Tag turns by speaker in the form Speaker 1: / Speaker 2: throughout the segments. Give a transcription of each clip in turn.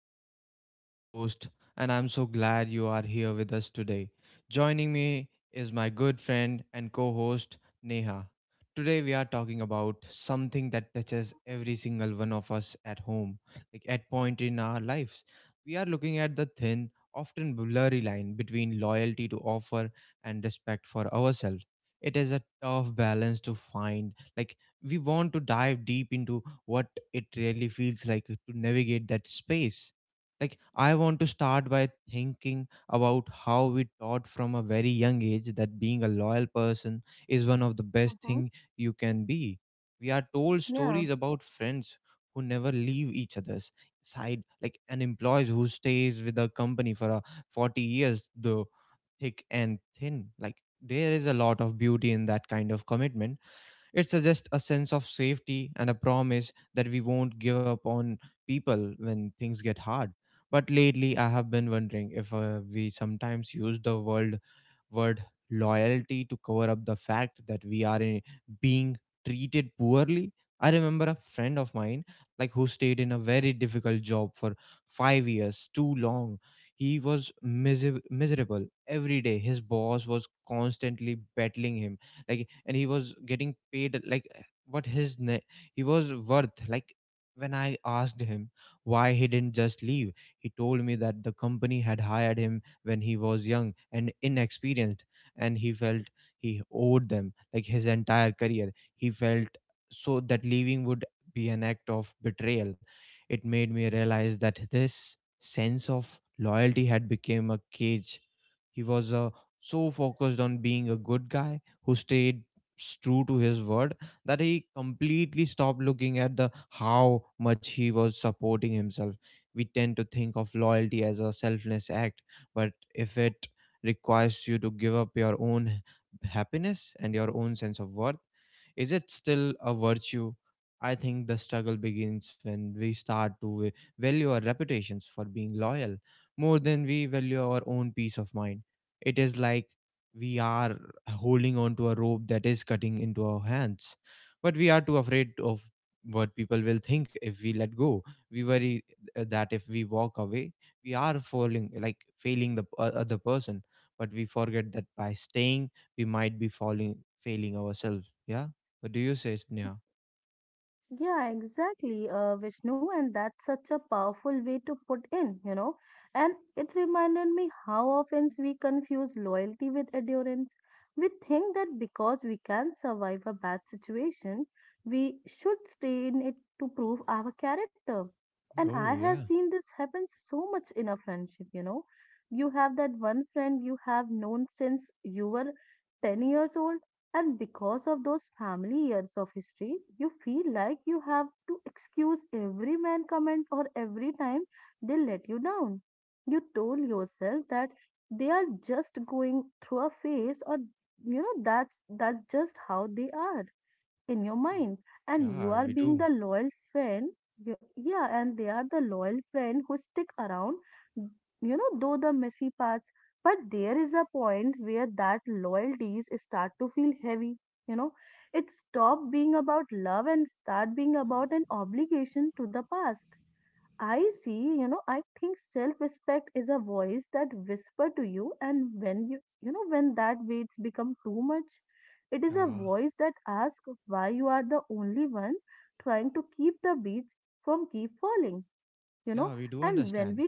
Speaker 1: Vishnu, your host, and I'm so glad you are here with us today. Joining me is my good friend and co host, Neha. Today, we are talking about something that touches every single one of us at home, like at point in our lives. We are looking at the thin, often blurry line between loyalty to offer and respect for ourselves. It is a tough balance to find. Like, we want to dive deep into what it really feels like to navigate that space. Like, I want to start by thinking about how we taught from a very young age that being a loyal person is one of the best
Speaker 2: Mhm.
Speaker 1: thing you can be. We are told
Speaker 2: Yeah,
Speaker 1: stories about friends who never leave each other's side, like an employees who stays with a company for a 40 years, though thick and thin. Like there is a lot of beauty in that kind of commitment, it suggests a sense of safety and a promise that we won't give up on people when things get hard. But lately, I have been wondering if we sometimes use the word word loyalty to cover up the fact that we are in, being treated poorly. I remember a friend of mine like who stayed in a very difficult job for 5 years too long. He was miserable every day. His boss was constantly battling him, like, and he was getting paid like what his ne- he was worth. Like, when I asked him why he didn't just leave, he told me that the company had hired him when he was young and inexperienced and he felt he owed them like his entire career he felt, so that leaving would be an act of betrayal. It made me realize that this sense of loyalty had become a cage. He was so focused on being a good guy who stayed true to his word that he completely stopped looking at the how much he was supporting himself. We tend to think of loyalty as a selfless act, but if it requires you to give up your own happiness and your own sense of worth, is it still a virtue? I think the struggle begins when we start to value our reputations for being loyal more than we value our own peace of mind. It is like we are holding on to a rope that is cutting into our hands, but we are too afraid of what people will think if we let go. We worry that if we walk away, we are falling like failing the other person, but we forget that by staying, we might be falling failing ourselves. Yeah. What do you say, Sneha?
Speaker 2: yeah, exactly, uh, Vishnu, and that's such a powerful way to put in. And it reminded me how often we confuse loyalty with endurance. We think that because we can survive a bad situation, we should stay in it to prove our character. And I
Speaker 1: Oh,
Speaker 2: have
Speaker 1: yeah.
Speaker 2: seen this happen so much in a friendship, you know. You have that one friend you have known since you were 10 years old. And because of those family years of history, you feel like you have to excuse every man comment or every time they let you down. You told yourself that they are just going through a phase or that's just how they are in your mind, and you
Speaker 1: Yeah,
Speaker 2: are
Speaker 1: we
Speaker 2: being the
Speaker 1: do.
Speaker 2: loyal friend. Yeah, and they are the loyal friend who stick around, though the messy parts. But there is a point where that loyalties start to feel heavy, you know it stop being about love and start being about an obligation to the past. I see, I think self-respect is a voice that whisper to you, and when you know when that weights become too much, it
Speaker 1: Yeah.
Speaker 2: is a voice that asks why you are the only one trying to keep the beach from keep falling, you know.
Speaker 1: Yeah, we do
Speaker 2: And when
Speaker 1: understand.
Speaker 2: we,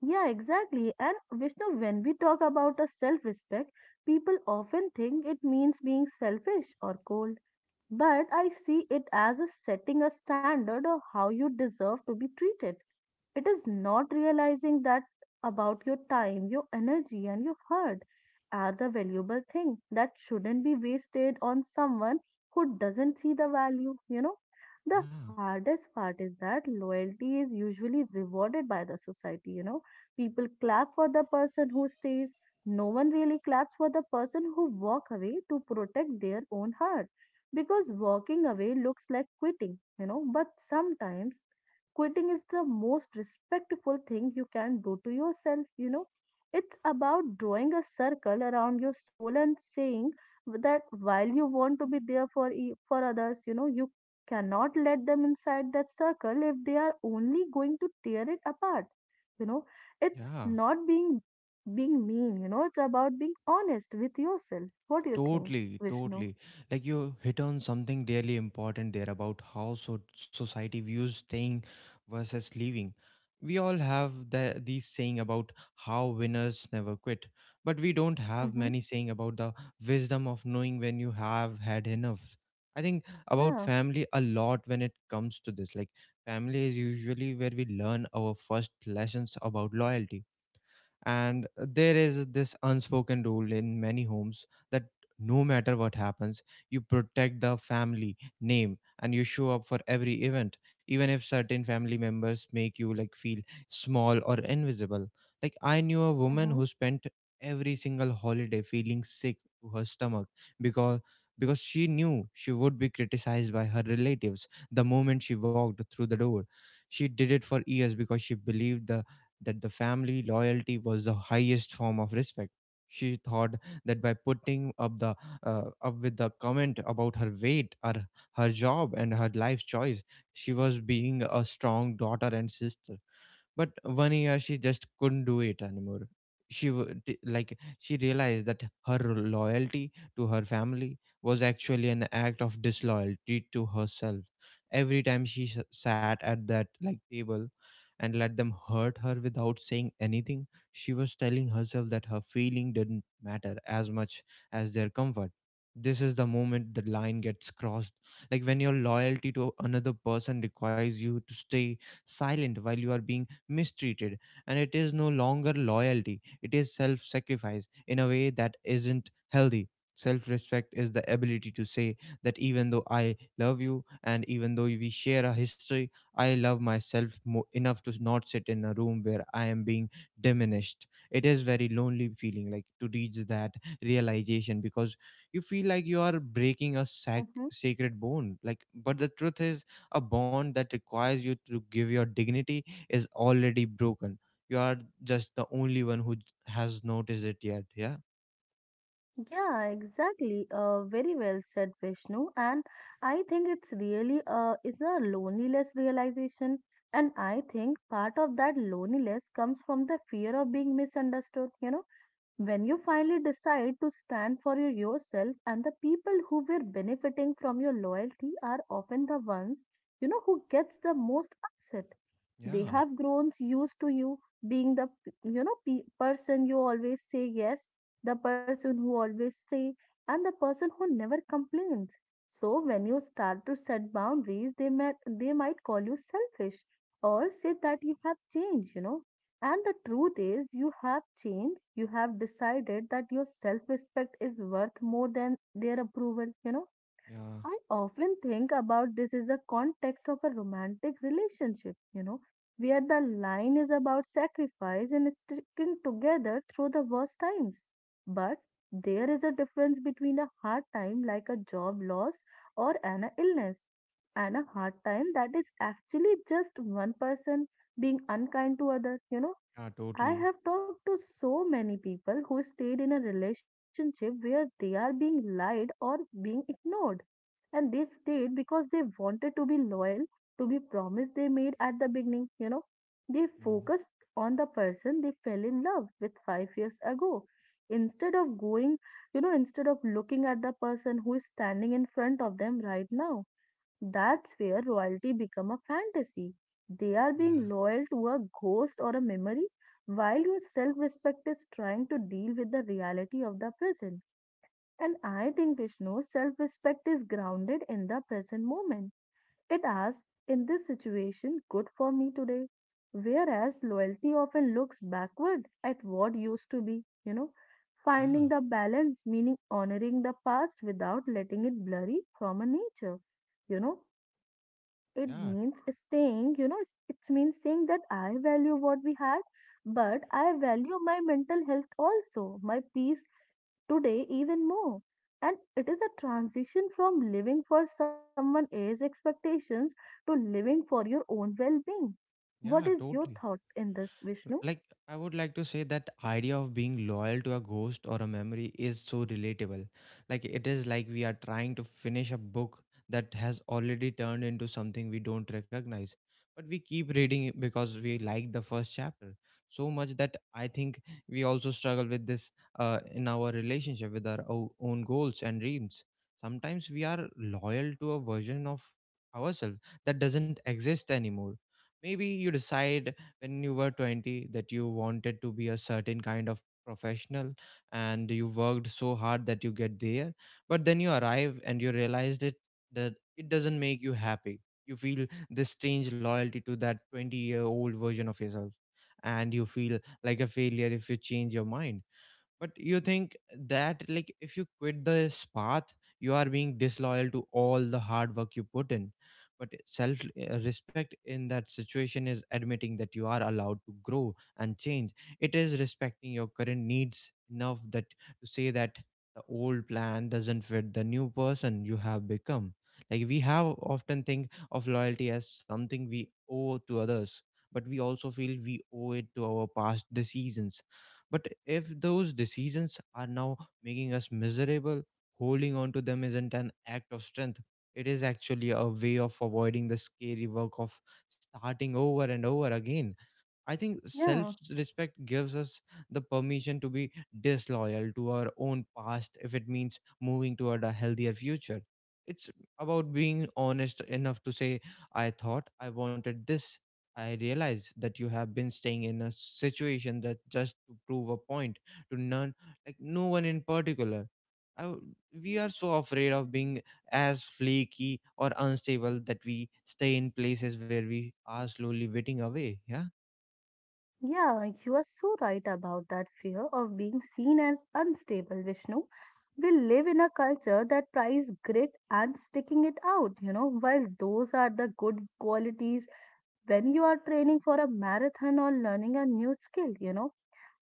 Speaker 2: yeah, exactly. And Vishnu, when we talk about a self-respect, people often think it means being selfish or cold, but I see it as a setting a standard of how you deserve to be treated. It is not realizing that about your time, your energy, and your heart are the valuable thing that shouldn't be wasted on someone who doesn't see the value. The
Speaker 1: Yeah.
Speaker 2: hardest part is that loyalty is usually rewarded by the society. People clap for the person who stays. No one really claps for the person who walk away to protect their own heart, because walking away looks like quitting, but sometimes quitting is the most respectful thing you can do to yourself. It's about drawing a circle around your soul and saying that while you want to be there for for others, you cannot let them inside that circle if they are only going to tear it apart you know it's
Speaker 1: Yeah.
Speaker 2: not being mean, it's about being honest with yourself. What do you think,
Speaker 1: Totally,
Speaker 2: Vishnu?
Speaker 1: totally. Like you hit on something really important there about how so society views staying versus leaving. We all have these saying about how winners never quit, but we don't have
Speaker 2: Mm-hmm.
Speaker 1: many saying about the wisdom of knowing when you have had enough. I think about
Speaker 2: Yeah.
Speaker 1: family a lot when it comes to this. Like family is usually where we learn our first lessons about loyalty, and there is this unspoken rule in many homes that no matter what happens you protect the family name and you show up for every event even if certain family members make you like feel small or invisible. Like, I knew a woman
Speaker 2: Mm-hmm.
Speaker 1: who spent every single holiday feeling sick to her stomach because because she knew she would be criticized by her relatives the moment she walked through the door. She did it for years because she believed the that the family loyalty was the highest form of respect. She thought that by putting up the up with the comment about her weight or her job and her life choice, she was being a strong daughter and sister, but one year she just couldn't do it anymore. Like she realized that her loyalty to her family was actually an act of disloyalty to herself. Every time she sat at that like table and let them hurt her without saying anything, she was telling herself that her feeling didn't matter as much as their comfort. This is the moment the line gets crossed, like when your loyalty to another person requires you to stay silent while you are being mistreated, and it is no longer loyalty, it is self sacrifice in a way that isn't healthy. Self respect is the ability to say that even though I love you and even though we share a history, I love myself enough to not sit in a room where I am being diminished. It is very lonely feeling like to reach that realization because you feel like you are breaking a
Speaker 2: Mm-hmm.
Speaker 1: sacred bond, like, but the truth is a bond that requires you to give your dignity is already broken. You are just the only one who has noticed it yet. Yeah.
Speaker 2: Yeah, exactly. Very well said, Vishnu. And I think it's really it's a loneliness realization. And I think part of that loneliness comes from the fear of being misunderstood, when you finally decide to stand for yourself, and the people who were benefiting from your loyalty are often the ones, who gets the most upset.
Speaker 1: Yeah,
Speaker 2: They have grown used to you being the, person you always say yes, the person who always say, and the person who never complains. So when you start to set boundaries, they might call you selfish or say that you have changed, and the truth is, you have changed. You have decided that your self respect is worth more than their approval.
Speaker 1: yeah,
Speaker 2: I often think about this is a context of a romantic relationship, where the line is about sacrifice and sticking together through the worst times. But there is a difference between a hard time like a job loss or an illness, and a hard time that is actually just one person being unkind to other.
Speaker 1: yeah,
Speaker 2: I
Speaker 1: totally.
Speaker 2: have talked to so many people who stayed in a relationship where they are being lied or being ignored. And they stayed because they wanted to be loyal to be promise they made at the beginning, They
Speaker 1: Mm.
Speaker 2: focused on the person they fell in love with 5 years ago. Instead of going, instead of looking at the person who is standing in front of them right now. That's where royalty become a fantasy. They are
Speaker 1: Yeah,
Speaker 2: being loyal to a ghost or a memory, while your self-respect is trying to deal with the reality of the present. And I think Vishnu, self-respect is grounded in the present moment. It asks, in this situation, good for me today. Whereas loyalty often looks backward at what used to be,
Speaker 1: yeah,
Speaker 2: finding the balance, meaning honoring the past without letting it blurry from a nature you know it
Speaker 1: yeah,
Speaker 2: means staying, it means saying that I value what we had, but I value my mental health also, my peace today even more. And it is a transition from living for someone else's expectations to living for your own well being. What
Speaker 1: yeah,
Speaker 2: is your
Speaker 1: totally.
Speaker 2: thought in this, Vishnu?
Speaker 1: Like, I would like to say that idea of being loyal to a ghost or a memory is so relatable. Like it is like we are trying to finish a book that has already turned into something we don't recognize, but we keep reading it because we like the first chapter so much. That I think we also struggle with this in our relationship with our own goals and dreams. Sometimes we are loyal to a version of ourselves that doesn't exist anymore. Maybe you decide when you were 20 that you wanted to be a certain kind of professional and you worked so hard that you get there, but then you arrive and you realized it, that it doesn't make you happy. You feel this strange loyalty to that 20-year-old version of yourself and you feel like a failure if you change your mind. But you think that like if you quit this path you are being disloyal to all the hard work you put in. But self respect in that situation is admitting that you are allowed to grow and change. It is respecting your current needs enough that to say that the old plan doesn't fit the new person you have become. Like, we have often think of loyalty as something we owe to others, but we also feel we owe it to our past decisions. But if those decisions are now making us miserable, holding on to them isn't an act of strength. It is actually a way of avoiding the scary work of starting over and over again. I think self
Speaker 2: Yeah.
Speaker 1: respect gives us the permission to be disloyal to our own past if it means moving toward a healthier future. It's about being honest enough to say, I thought I wanted this. I realized that you have been staying in a situation that just to prove a point to none, like no one in particular. I w- we are so afraid of being as flaky or unstable that we stay in places where we are slowly witting away. Yeah.
Speaker 2: Yeah, like, you are so right about that fear of being seen as unstable, Vishnu. We live in a culture that prize grit and sticking it out, while those are the good qualities when you are training for a marathon or learning a new skill,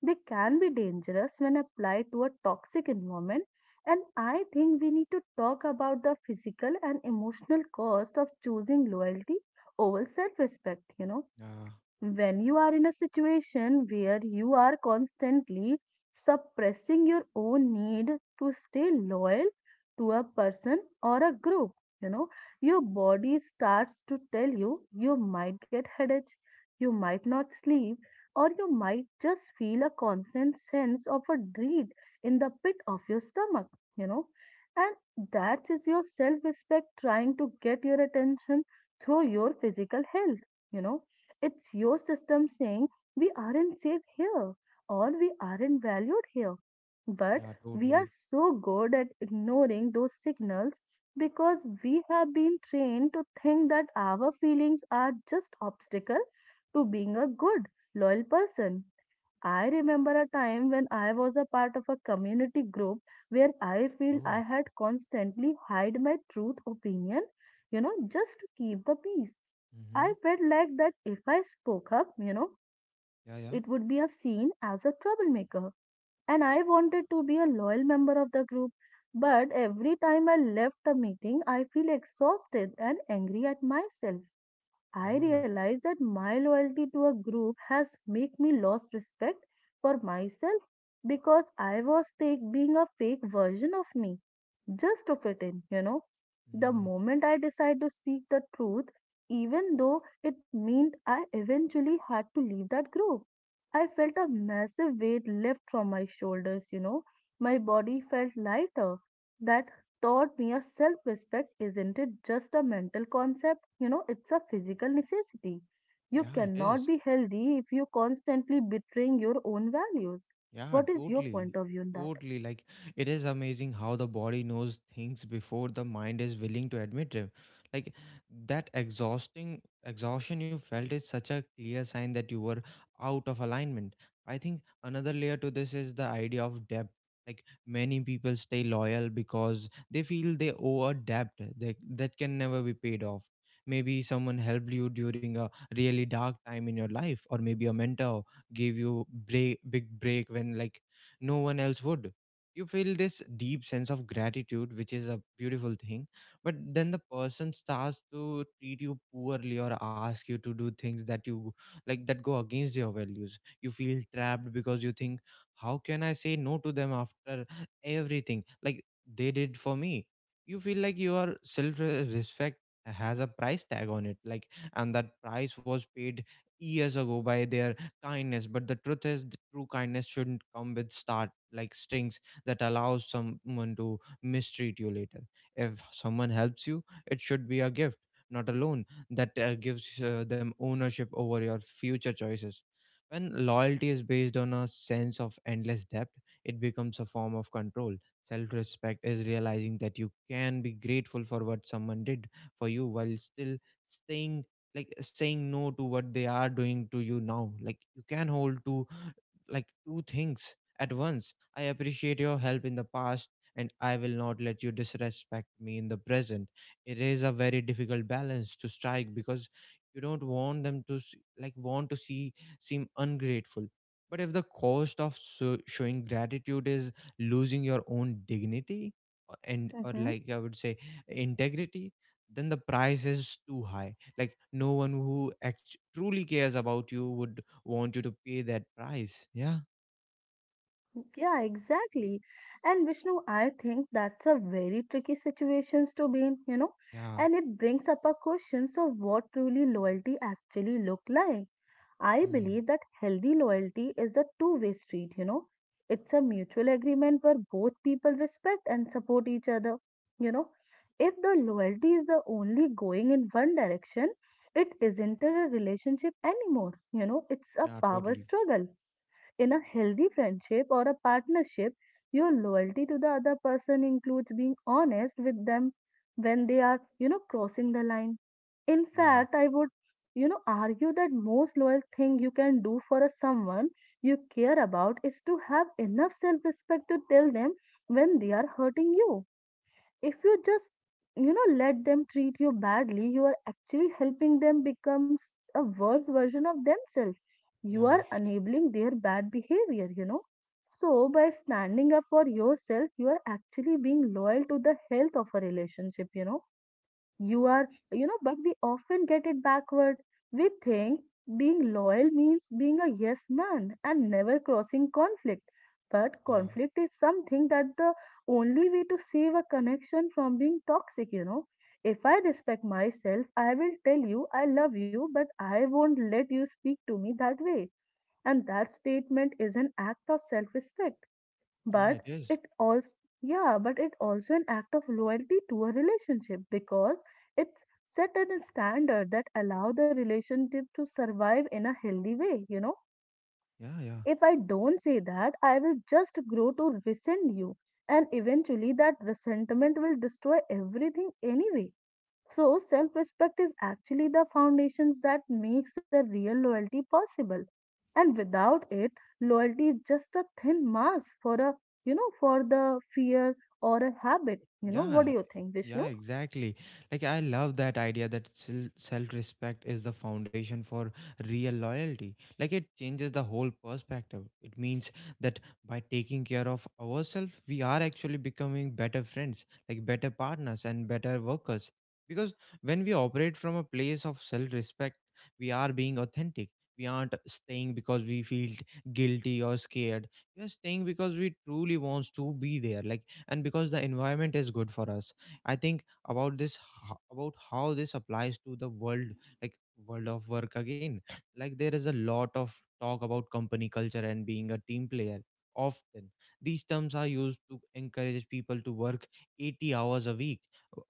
Speaker 2: they can be dangerous when applied to a toxic environment. And I think we need to talk about the physical and emotional cost of choosing loyalty over self respect,
Speaker 1: Yeah,
Speaker 2: when you are in a situation where you are constantly suppressing your own need to stay loyal to a person or a group you know your body starts to tell you. You might get headache, you might not sleep, or you might just feel a constant sense of a dread in the pit of your stomach you know and that is your self respect trying to get your attention through your physical health. It's your system saying we aren't safe here, or we aren't valued here. But
Speaker 1: yeah,
Speaker 2: we are
Speaker 1: totally.
Speaker 2: so good at ignoring those signals because we have been trained to think that our feelings are just obstacle to being a good, loyal person. I remember a time when I was a part of a community group where I feel
Speaker 1: Oh,
Speaker 2: I had constantly hide my truth opinion, just to keep the peace.
Speaker 1: mm-hmm.
Speaker 2: I felt like that if I spoke up,
Speaker 1: Yeah, yeah.
Speaker 2: it would be a seen as a troublemaker. And I wanted to be a loyal member of the group. But every time I left a meeting, I feel exhausted and angry at myself. I
Speaker 1: Oh,
Speaker 2: realize that my loyalty to a group has make me lost respect for myself, because I was take, being a fake version of me just to fit in, The
Speaker 1: mm,
Speaker 2: moment I decide to speak the truth, even though it meant I eventually had to leave that group, I felt a massive weight lift from my shoulders, My body felt lighter. That taught me a self respect isn't it just a mental concept? You know, it's a physical necessity. You
Speaker 1: yeah, it is.
Speaker 2: cannot be healthy if you're constantly betraying your own values.
Speaker 1: Yeah,
Speaker 2: What is your
Speaker 1: totally.
Speaker 2: point of view on that?
Speaker 1: Totally. Like, it is amazing how the body knows things before the mind is willing to admit them. Like, that exhausting exhaustion you felt is such a clear sign that you were out of alignment. I think another layer to this is the idea of depth. Like, many people stay loyal because they feel they owe a debt that can never be paid off. Maybe someone helped you during a really dark time in your life, or maybe a mentor give you break, big break when like no one else would. You feel this deep sense of gratitude, which is a beautiful thing. But then the person starts to treat you poorly or ask you to do things that you like that go against your values. You feel trapped because you think, how can I say no to them after everything like they did for me? You feel like your self respect has a price tag on it, and that price was paid years ago by their kindness. But the truth is the true kindness shouldn't come with start like strings that allows someone to mistreat you later. If someone helps you, it should be a gift, not a loan that gives them ownership over your future choices. When loyalty is based on a sense of endless debt, it becomes a form of control. Self respect is realizing that you can be grateful for what someone did for you while still staying like saying no to what they are doing to you now. You can hold to two things at once. I appreciate your help in the past, and I will not let you disrespect me in the present. It is a very difficult balance to strike because you don't want them to s- like want to see seem ungrateful. But if the cost of showing gratitude is losing your own dignity, and or
Speaker 2: Hmm.
Speaker 1: I would say integrity, then the price is too high. No one who truly cares about you would want you to pay that price. Yeah.
Speaker 2: Yeah, exactly. And Vishnu, I think that's a very tricky situation to be in,
Speaker 1: yeah
Speaker 2: and it brings up a question of what truly loyalty actually look like. I
Speaker 1: mm.
Speaker 2: believe that healthy loyalty is a two-way street, It's a mutual agreement where both people respect and support each other, you know. If the loyalty is the only going in one direction, it isn't a relationship anymore, it's a
Speaker 1: yeah
Speaker 2: power
Speaker 1: totally
Speaker 2: struggle in a healthy friendship or a partnership. Your loyalty to the other person includes being honest with them when they are, crossing the line. In
Speaker 1: yeah
Speaker 2: fact, I would, argue that most loyal thing you can do for a someone you care about is to have enough self-respect to tell them when they are hurting you. If you just let them treat you badly, you are actually helping them become a worse version of themselves. You
Speaker 1: yeah
Speaker 2: are enabling their bad behavior, so by standing up for yourself, you are actually being loyal to the health of a relationship, you are, but we often get it backward. We think being loyal means being a yes man and never crossing conflict, but
Speaker 1: yeah
Speaker 2: conflict is something that the only way to save a connection from being toxic, if I respect myself, I will tell you I love you, but I won't let you speak to me that way. And that statement is an act of self respect,
Speaker 1: Yeah,
Speaker 2: but
Speaker 1: it is.
Speaker 2: it also yeah, but it also an act of loyalty to a relationship, because it's set at a standard that allow the relationship to survive in a healthy way, you know.
Speaker 1: Yeah
Speaker 2: If I don't say that, I will just grow to resent you, and eventually that resentment will destroy everything anyway. So self-respect is actually the foundations that makes a real loyalty possible. And without it, loyalty is just a thin mask for for the fear or a habit. You know, what
Speaker 1: Yeah,
Speaker 2: do you think,
Speaker 1: yeah,
Speaker 2: Vishnu?
Speaker 1: exactly. I love that idea that self-respect is the foundation for real loyalty. Like it changes the whole perspective. It means that by taking care of ourselves, we are actually becoming better friends, like better partners and better workers. Because when we operate from a place of self-respect, we are being authentic. We aren't staying because we feel guilty or scared. We are staying because we truly wants to be there. And because the environment is good for us, I think about about how this applies to the world, like world of work again. Like there is a lot of talk about company culture and being a team player. Often these terms are used to encourage people to work 80 hours a week,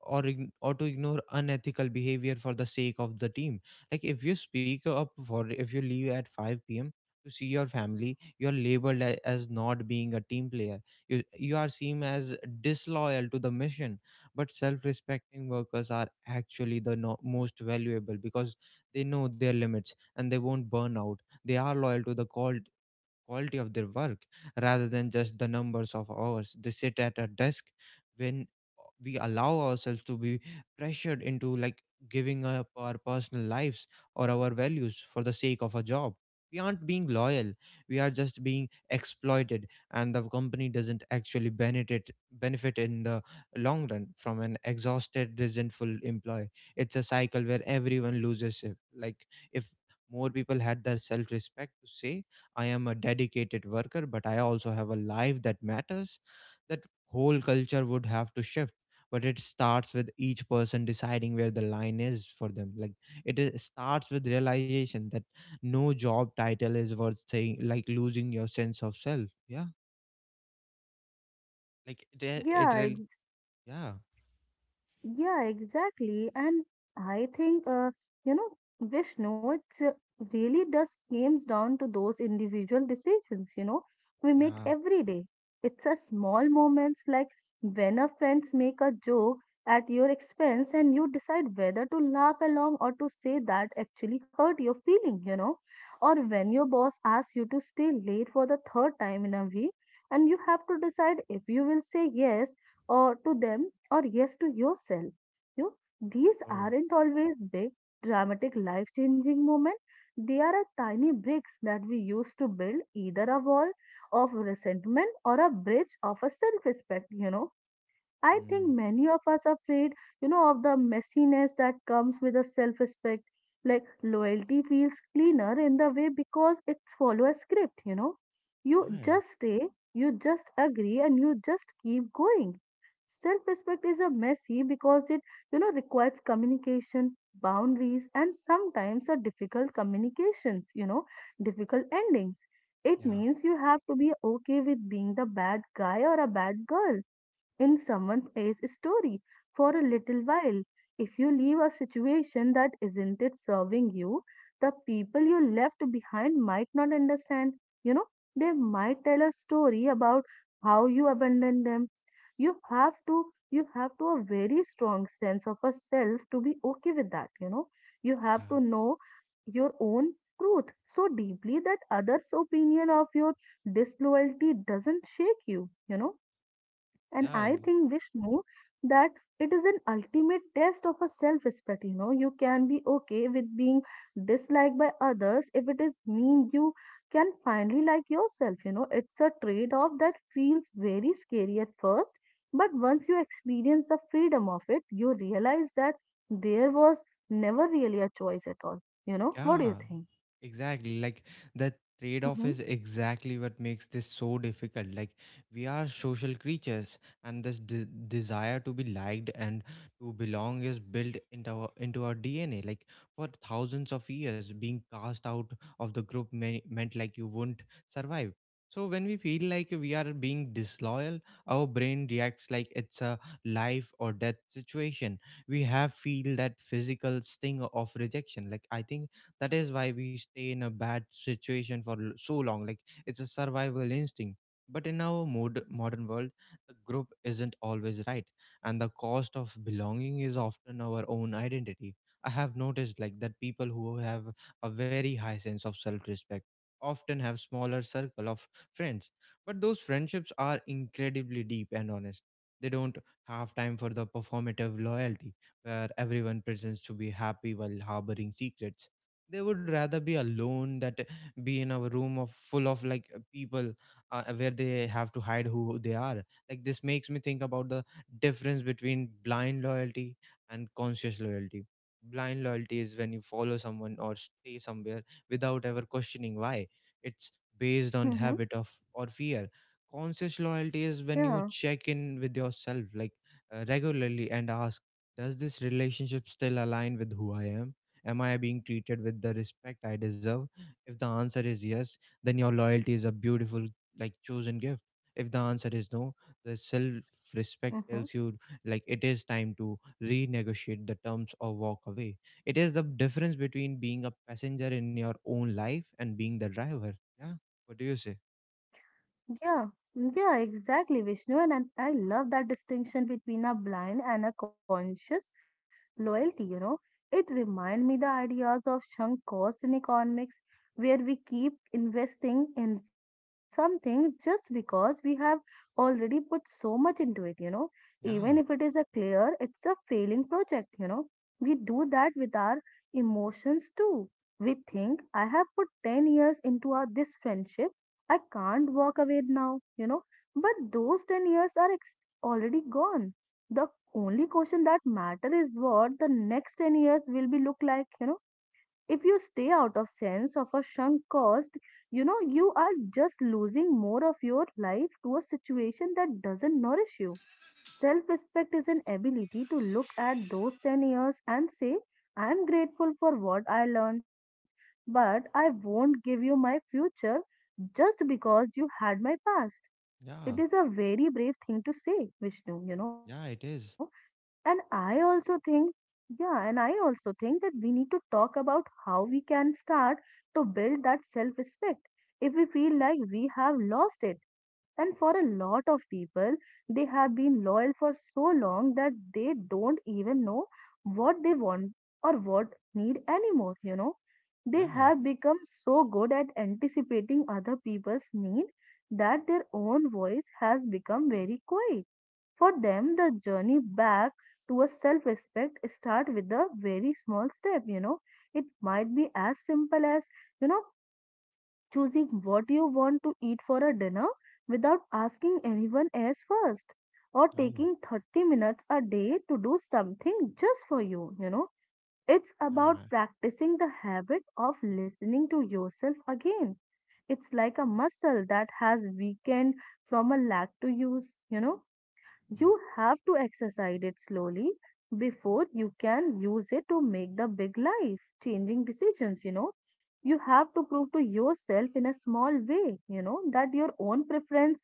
Speaker 1: or ign- or to ignore unethical behavior for the sake of the team. Like if you leave at 5 p.m. to see your family, you're labeled as not being a team player. You are seen as disloyal to the mission. But self respecting workers are actually the most valuable because they know their limits and they won't burn out. They are loyal to the call quality of their work rather than just the numbers of hours they sit at a desk. When we allow ourselves to be pressured into giving up our personal lives or our values for the sake of a job, we aren't being loyal, we are just being exploited. And the company doesn't actually benefit in the long run from an exhausted resentful employee. It's a cycle where everyone loses it. like if more people had their self respect to say, I am a dedicated worker, but I also have a life that matters. That whole culture would have to shift. But it starts with each person deciding where the line is for them. Like starts with realization that no job title is worth saying, like losing your sense of self. Yeah. Like it
Speaker 2: Yeah,
Speaker 1: really, yeah.
Speaker 2: Yeah, exactly. And I think, you know, Vishnu, it's really does comes down to those individual decisions, you know, we make
Speaker 1: Yeah.
Speaker 2: every day. It's a small moments like when a friends make a joke at your expense and you decide whether to laugh along or to say that actually hurt your feeling, you know, or when your boss asks you to stay late for the third time in a week and you have to decide if you will say yes or to them or yes to yourself. You know, these
Speaker 1: Oh.
Speaker 2: aren't always big, dramatic, life changing moments. They are a tiny bricks that we use to build either a wall of resentment or a bridge of a self respect, you know. I
Speaker 1: Mm.
Speaker 2: think many of us are afraid, you know, of the messiness that comes with a self respect. Like loyalty feels cleaner in the way because it follows a script, you know. You
Speaker 1: Yeah.
Speaker 2: just stay, you just agree, and you just keep going. Self respect is a messy because it, you know, requires communication, boundaries, and sometimes a difficult communications, you know, difficult endings. It
Speaker 1: Yeah.
Speaker 2: means you have to be okay with being the bad guy or a bad girl in someone else's story for a little while. If you leave a situation that isn't it serving you, the people you left behind might not understand. You know, they might tell a story about how you abandoned them. You have to you have to a very strong sense of a self to be okay with that, you know. You have to know your own truth so deeply that others' opinion of your disloyalty doesn't shake you, you know. And
Speaker 1: Yeah. Yeah.
Speaker 2: I think, Vishnu, that it is an ultimate test of a self respect. You know, you can be okay with being disliked by others if it is mean you can finally like yourself. You know, it's a trade off that feels very scary at first, but once you experience the freedom of it, you realize that there was never really a choice at all. You know, what do
Speaker 1: Yeah,
Speaker 2: you think?
Speaker 1: exactly. Like that trade off
Speaker 2: Mm-hmm.
Speaker 1: is exactly what makes this so difficult. Like we are social creatures, and desire to be liked and to belong is built into into our DNA. Like for thousands of years, being cast out of the group meant you wouldn't survive. So when we feel like we are being disloyal, our brain reacts like it's a life or death situation. We have feel that physical sting of rejection. Like I think that is why we stay in a bad situation for so long. It's a survival instinct. But in our modern world, the group isn't always right, and the cost of belonging is often our own identity. I have noticed that people who have a very high sense of self-respect often have smaller circle of friends, but those friendships are incredibly deep and honest. They don't have time for the performative loyalty where everyone pretends to be happy while harboring secrets. They would rather be alone that be in a room of full of people where they have to hide who they are. Like this makes me think about the difference between blind loyalty and conscious loyalty. Blind loyalty is when you follow someone or stay somewhere without ever questioning why. It's based on
Speaker 2: Mm-hmm.
Speaker 1: habit of or fear. Conscious loyalty is when you
Speaker 2: Yeah.
Speaker 1: check in with yourself, regularly, and ask, does this relationship still align with who I am? Am I being treated with the respect I deserve? If the answer is yes, then your loyalty is a beautiful, chosen gift. If the answer is no, the self respect
Speaker 2: Mm-hmm.
Speaker 1: tells you, it is time to renegotiate the terms or walk away. It is the difference between being a passenger in your own life and being the driver. Yeah. What do you say?
Speaker 2: Yeah, yeah, exactly, Vishnu. And I love that distinction between a blind and a conscious loyalty, you know. It reminds me the ideas of sunk costs in economics, where we keep investing in something just because we have already put so much into it, you know. Even if it is
Speaker 1: Yeah.
Speaker 2: a clear, it's a failing project, you know. We do that with our emotions too. We think, I have put 10 years into our, this friendship I can't walk away now, you know. But those 10 years are already gone. The only question that matter is what the next 10 years will be look like, you know. If you stay out of sense of a sunk cost, you know, you are just losing more of your life to a situation that doesn't nourish you. Self respect is an ability to look at those 10 years and say, I am grateful for what I learned, but I won't give you my future just because you had my past. It is
Speaker 1: Yeah.
Speaker 2: a very brave thing to say, Vishnu, you know.
Speaker 1: Yeah, it
Speaker 2: And
Speaker 1: is.
Speaker 2: I also think, yeah, and I also think that we need to talk about how we can start to build that self respect if we feel like we have lost it. And for a lot of people, they have been loyal for so long that they don't even know what they want or what need anymore, you know. They
Speaker 1: Yeah.
Speaker 2: have become so good at anticipating other people's need that their own voice has become very quiet for them, the journey back to a self respect start with a very small step, you know. It might be as simple as, you know, choosing what you want to eat for a dinner without asking anyone else first, or
Speaker 1: Oh,
Speaker 2: taking 30 minutes a day to do something just for you, you know. It's about
Speaker 1: yeah.
Speaker 2: practicing the habit of listening to yourself again. It's like a muscle that has weakened from a lack to use, you know.
Speaker 1: mm,
Speaker 2: You have to exercise it slowly before you can use it to make the big life changing decisions, you know. You have to prove to yourself in a small way, you know, that your own preference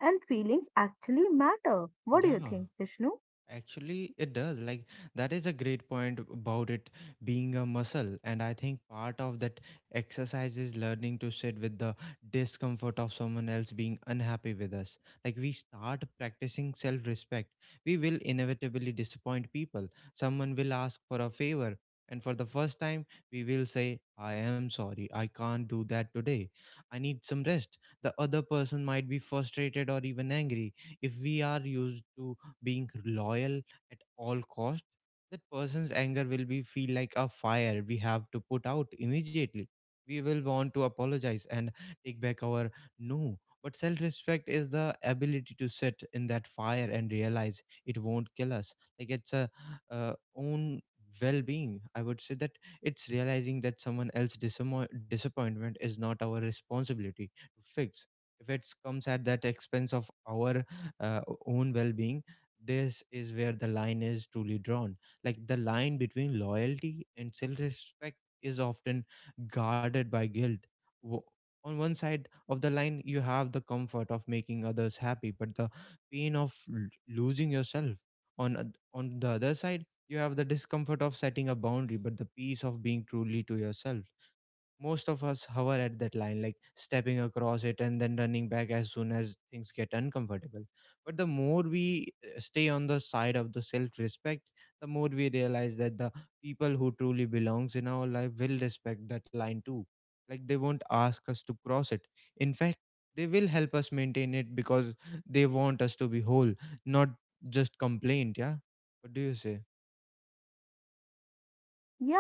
Speaker 2: and feelings actually matter. What do you
Speaker 1: Yeah.
Speaker 2: think, Vishnu?
Speaker 1: Actually, it does. Like, that is a great point about it being a muscle. And I think part of that exercise is learning to sit with the discomfort of someone else being unhappy with us. Like, we start practicing self respect. We will inevitably disappoint people. Someone will ask for a favor. And for the first time, we will say, I am sorry. I can't do that today. I need some rest. The other person might be frustrated or even angry. If we are used to being loyal at all cost, that person's anger will be feel like a fire we have to put out immediately. We will want to apologize and take back our no. But self-respect is the ability to sit in that fire and realize it won't kill us. It's a own well-being. I would say that it's realizing that someone else's disappointment is not our responsibility to fix if it comes at that expense of our uh, own well-being. This is where the line is truly drawn. Like the line between loyalty and self respect is often guarded by guilt. Wo- On one side of the line, you have the comfort of making others happy, but the pain of losing yourself. On, on the other side, you have the discomfort of setting a boundary, but the peace of being truly to yourself. Most of us hover at that line, like stepping across it and then running back as soon as things get uncomfortable. But the more we stay on the side of the self respect, the more we realize that the people who truly belongs in our life will respect that line too. Like they won't ask us to cross it. In fact, they will help us maintain it because they want us to be whole, not just complaint. Yeah. What do you say?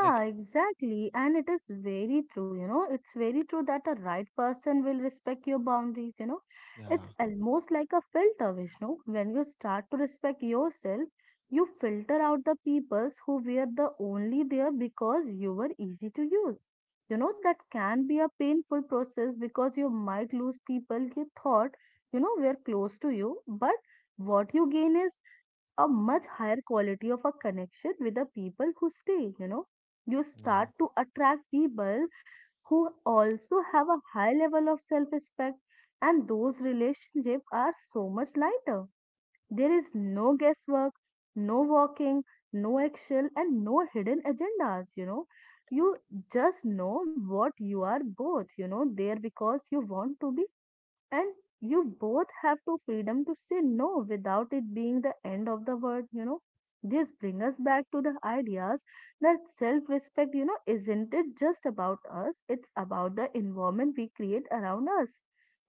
Speaker 1: Like,
Speaker 2: exactly. And it is very true, you know, it's very true that a right person will respect your boundaries, you know.
Speaker 1: yeah,
Speaker 2: It's almost like a filter, Vishnu. When you start to respect yourself, you filter out the peoples who were the only there because you were easy to use. You know, that can be a painful process because you might lose people you thought, you know, were close to you, but what you gain is a much higher quality of a connection with the people who stay, you know. You
Speaker 1: yeah,
Speaker 2: start to attract people who also have a high level of self respect, and those relationships are so much lighter. There is no guesswork, no walking, no action, and no hidden agendas, you know. You just know what you are both, you know, there because you want to be, and you both have to freedom to say no without it being the end of the world, you know. This brings us back to the ideas that self respect, you know, isn't it just about us, it's about the environment we create around us,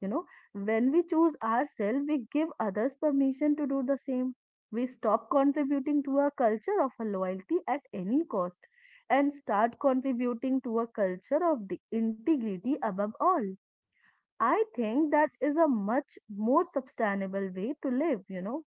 Speaker 2: you know. When we choose ourselves we give others permission to do the same. We stop contributing to a culture of a loyalty at any cost and start contributing to a culture of the integrity above all. I think that is a much more sustainable way to live, you know.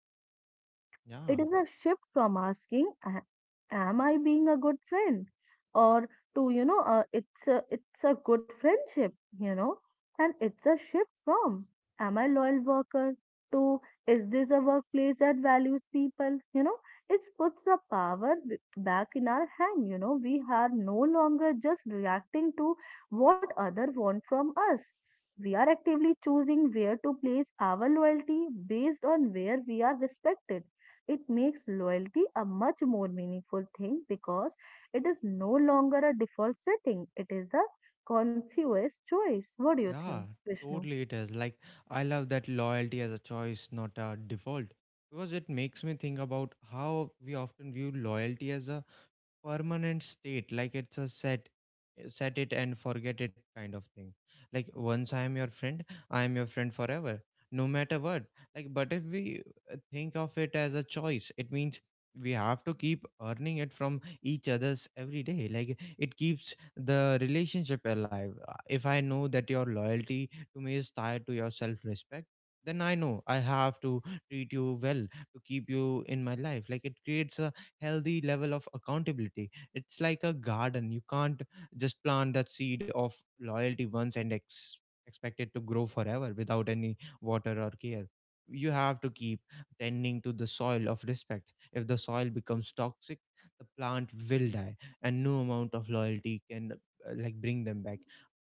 Speaker 2: It
Speaker 1: yeah.
Speaker 2: is a shift from asking, "A- Am I being a good friend?" or to you know, it's a good friendship," you know, and it's a shift from "Am I loyal worker?" to "Is this a workplace that values people?" You know, it puts the power back in our hand. You know, we are no longer just reacting to what other want from us. We are actively choosing where to place our loyalty based on where we are respected. It makes loyalty a much more meaningful thing because it is no longer a default setting, it is a conscious choice. What do you
Speaker 1: Yeah,
Speaker 2: think, Vishnu?
Speaker 1: totally it is. Like, I love that loyalty as a choice, not a default, because it makes me think about how we often view loyalty as a permanent state. Like it's a set it and forget it kind of thing. Like once I am your friend, I am your friend forever, no matter what. But if we think of it as a choice, it means we have to keep earning it from each other's every day. Like it keeps the relationship alive. If I know that your loyalty to me is tied to your self respect, then I know I have to treat you well to keep you in my life. Like it creates a healthy level of accountability. It's like a garden. You can't just plant that seed of loyalty once and expect it to grow forever without any water or care. You have to keep tending to the soil of respect. If the soil becomes toxic, the plant will die, and no amount of loyalty can bring them back.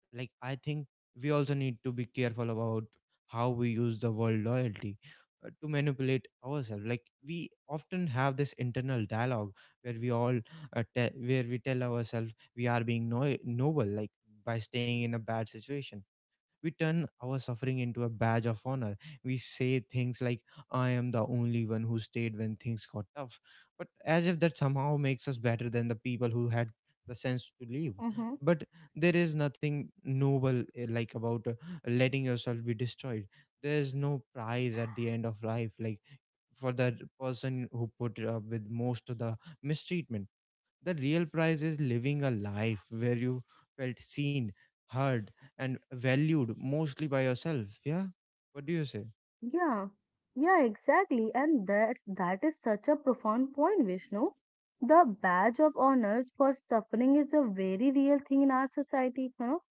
Speaker 1: I think we also need to be careful about how we use the word loyalty to manipulate ourselves. Like we often have this internal dialogue where we where we tell ourselves we are being noble by staying in a bad situation. We turn our suffering into a badge of honor. We say things like, I am the only one who stayed when things got tough, but as if that somehow makes us better than the people who had the sense to leave.
Speaker 2: Mm-hmm.
Speaker 1: But there is nothing noble about letting yourself be destroyed. There is no prize at the end of life, for the person who put up with most of the mistreatment. The real prize is living a life where you felt seen, heard, and valued mostly by yourself. Yeah. What do you say?
Speaker 2: Yeah, yeah, exactly. And that is such a profound point, Vishnu. The badge of honor for suffering is a very real thing in our society, you know.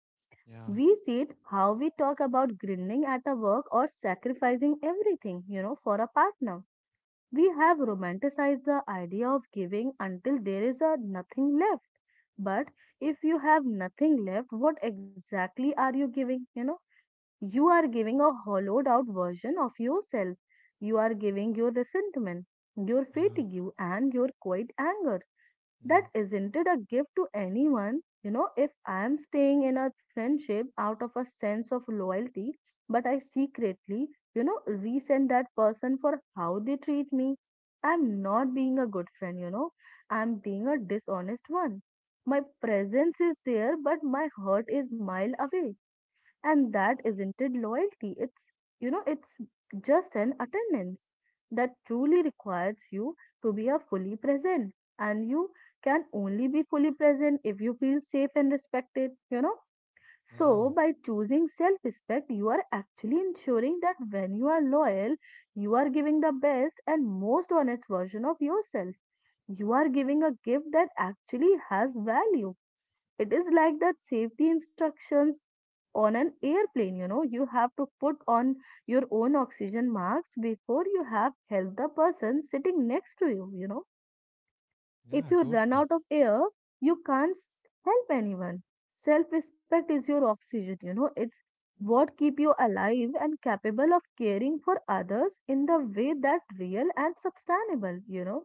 Speaker 1: Yeah,
Speaker 2: We see it how we talk about grinding at a work or sacrificing everything, you know, for a partner. We have romanticized the idea of giving until there is a nothing left. But if you have nothing left, what exactly are you giving? You know, you are giving a hollowed out version of yourself. You are giving your resentment, your
Speaker 1: yeah,
Speaker 2: fatigue, and your quiet anger that
Speaker 1: mm,
Speaker 2: isn't it a gift to anyone, you know. If I am staying in a friendship out of a sense of loyalty but I secretly, you know, resent that person for how they treat me, I'm not being a good friend, you know, I'm being a dishonest one. My presence is there but my heart is mile away, and that isn't it loyalty, it's, you know, it's just an attendance that truly requires you to be a fully present. And you can only be fully present if you feel safe and respected, you know.
Speaker 1: yeah,
Speaker 2: So by choosing self respect you are actually ensuring that when you are loyal you are giving the best and most honest version of yourself. You are giving a gift that actually has value. It is like that safety instructions on an airplane, you know, you have to put on your own oxygen mask before you have helped the person sitting next to you, you know. If
Speaker 1: yeah,
Speaker 2: you run
Speaker 1: totally.
Speaker 2: out of air you can't help anyone. Self respect is your oxygen, you know, it's what keep you alive and capable of caring for others in the way that real and sustainable, you know.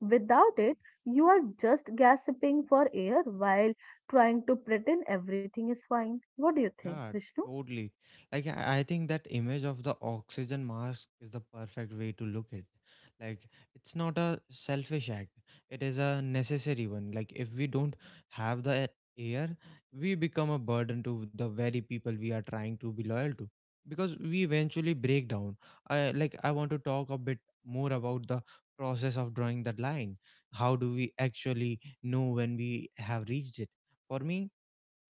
Speaker 2: Without it you are just gasping for air while trying to pretend everything is fine. What do you think,
Speaker 1: Yeah,
Speaker 2: Vishnu?
Speaker 1: totally. Like I think that image of the oxygen mask is the perfect way to look at. Like it's not a selfish act. It is a necessary one. Like if we don't have the air, we become a burden to the very people we are trying to be loyal to because we eventually break down. I want to talk a bit more about the process of drawing that line. How do we actually know when we have reached it? For me,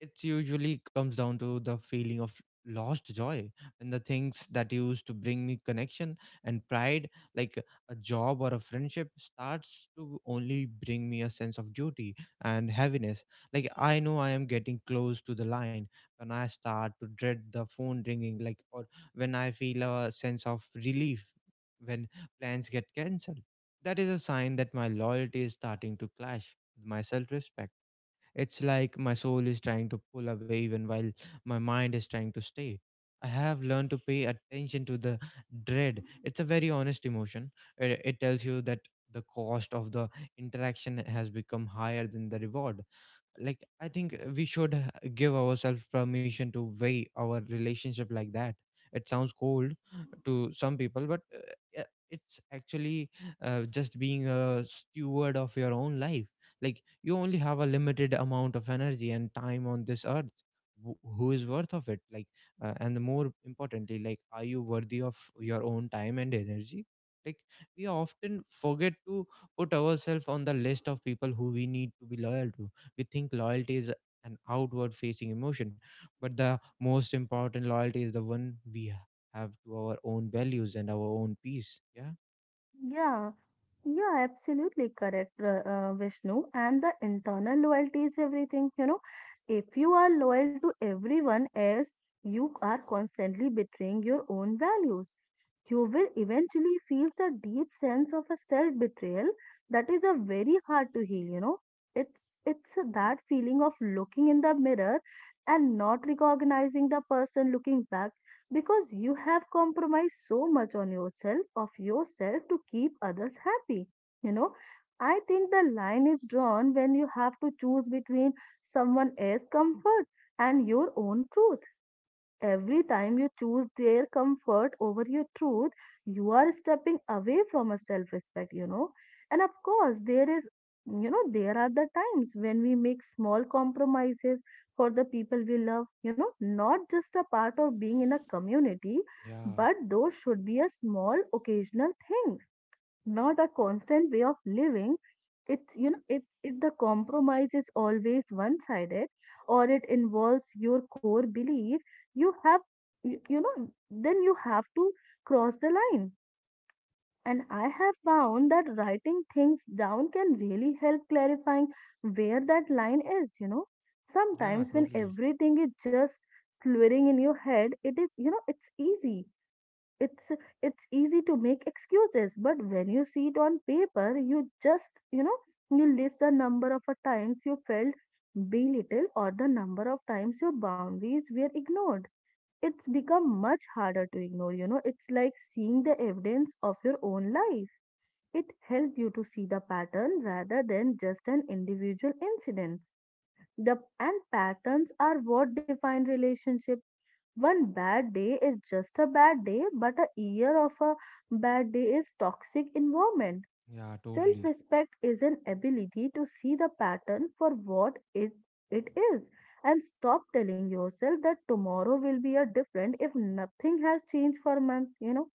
Speaker 1: it usually comes down to the feeling of lost joy when the things that used to bring me connection and pride, like a job or a friendship, starts to only bring me a sense of duty and heaviness. Like I know I am getting close to the line when I start to dread the phone ringing, like, or when I feel a sense of relief when plans get cancelled. That is a sign that my loyalty is starting to clash with my self respect. It's like my soul is trying to pull away even while my mind is trying to stay. I have learned to pay attention to the dread. It's a very honest emotion. It tells you that the cost of the interaction has become higher than the reward. Like I think we should give ourselves permission to weigh our relationship like that. It sounds cold to some people, but yeah, it's actually just being a steward of your own life. Like you only have a limited amount of energy and time on this earth. Who is worth of it? Like and more importantly, like, are you worthy of your own time and energy? Like we often forget to put ourselves on the list of people who we need to be loyal to. We think loyalty is an outward facing emotion, but the most important loyalty is the one we have to our own values and our own peace. Yeah.
Speaker 2: Yeah, yeah, absolutely correct, Vishnu. And the internal loyalty is everything. You know, if you are loyal to everyone else, you are constantly betraying your own values. You will eventually feel a deep sense of a self betrayal that is a very hard to heal. You know, it's it's that feeling of looking in the mirror and not recognizing the person looking back because you have compromised so much on yourself of yourself to keep others happy, you know. I think the line is drawn when you have to choose between someone else's comfort and your own truth. Every time you choose their comfort over your truth, you are stepping away from a self respect, you know. And of course, there is, there are the times when we make small compromises for the people we love, you know, not just a part of being in a community,
Speaker 1: Yeah,
Speaker 2: but those should be a small occasional thing, not a constant way of living. It's, you know, it the compromise is always one sided or it involves your core belief. you have you know, then you have to cross the line. And I have found that writing things down can really help clarifying where that line is, you know.
Speaker 1: yeah,
Speaker 2: Sometimes when
Speaker 1: totally.
Speaker 2: everything is just slurring in your head, it is, you know, it's it's easy to make excuses, but when you see it on paper, you just, you know, you list the number of a times you felt belittled or the number of times your boundaries were ignored. It's become much harder to ignore, you know. It's like seeing the evidence of your own life. It helps you to see the pattern rather than just an individual incident. The And patterns are what define relationship. One bad day is just a bad day, but a year of a bad day is toxic environment.
Speaker 1: Yeah, totally.
Speaker 2: Self-respect is an ability to see the pattern for what it is, and stop telling yourself that tomorrow will be a different if nothing has changed for a month, you know.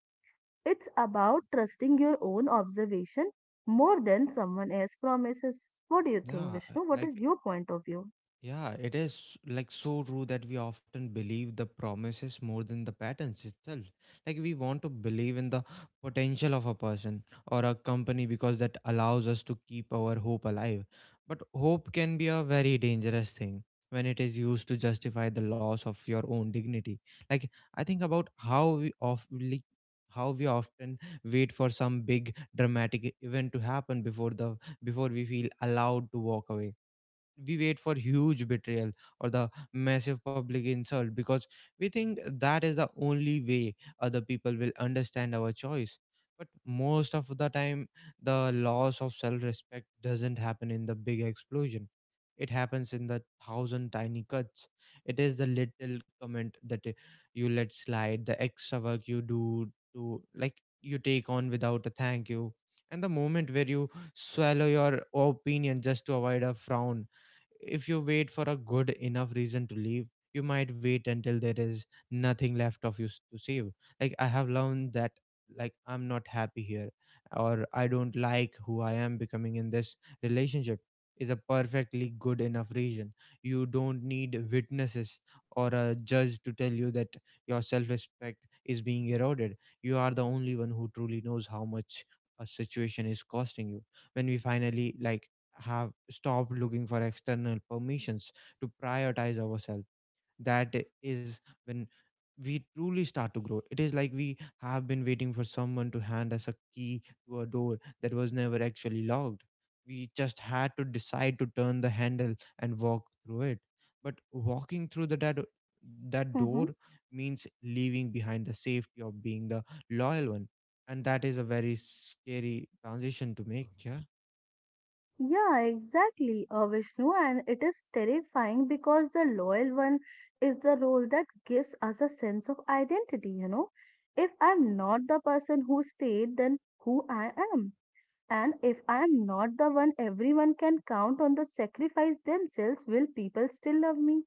Speaker 2: It's about trusting your own observation more than someone else's promises. What do you think,
Speaker 1: Yeah,
Speaker 2: Vishnu? What is
Speaker 1: like,
Speaker 2: your point of view?
Speaker 1: yeah, it is like so true that we often believe the promises more than the patterns itself. Like we want to believe in the potential of a person or a company because that allows us to keep our hope alive. But hope can be a very dangerous thing when it is used to justify the loss of your own dignity. Like I think about how we of like, How we often wait for some big dramatic event to happen before the before we feel allowed to walk away. We wait for huge betrayal or the massive public insult because we think that is the only way other people will understand our choice. But most of the time, the loss of self respect doesn't happen in the big explosion. It happens in the thousand tiny cuts. It is the little comment that you let slide, the extra work you do to, like, you take on without a thank you, and the moment where you swallow your opinion just to avoid a frown. If you wait for a good enough reason to leave, you might wait until there is nothing left of you to save. Like I have learned that, like, I'm not happy here, or I don't like who I am becoming in this relationship is a perfectly good enough reason. You don't need witnesses or a judge to tell you that your self-respect is being eroded. You are the only one who truly knows how much a situation is costing you. When we finally, like, have stopped looking for external permissions to prioritize ourselves, that is when we truly start to grow. It is like we have been waiting for someone to hand us a key to a door that was never actually locked. We just had to decide to turn the handle and walk through it. But walking through that door means leaving behind the safety of being the loyal one. And that is a very scary transition to make. Yeah.
Speaker 2: Yeah, exactly, Vishnu, and it is terrifying because the loyal one is the role that gives us a sense of identity, you know. If I'm not the person who stayed, then who I am. And if I'm not the one everyone can count on the sacrifice themselves, will people still love me?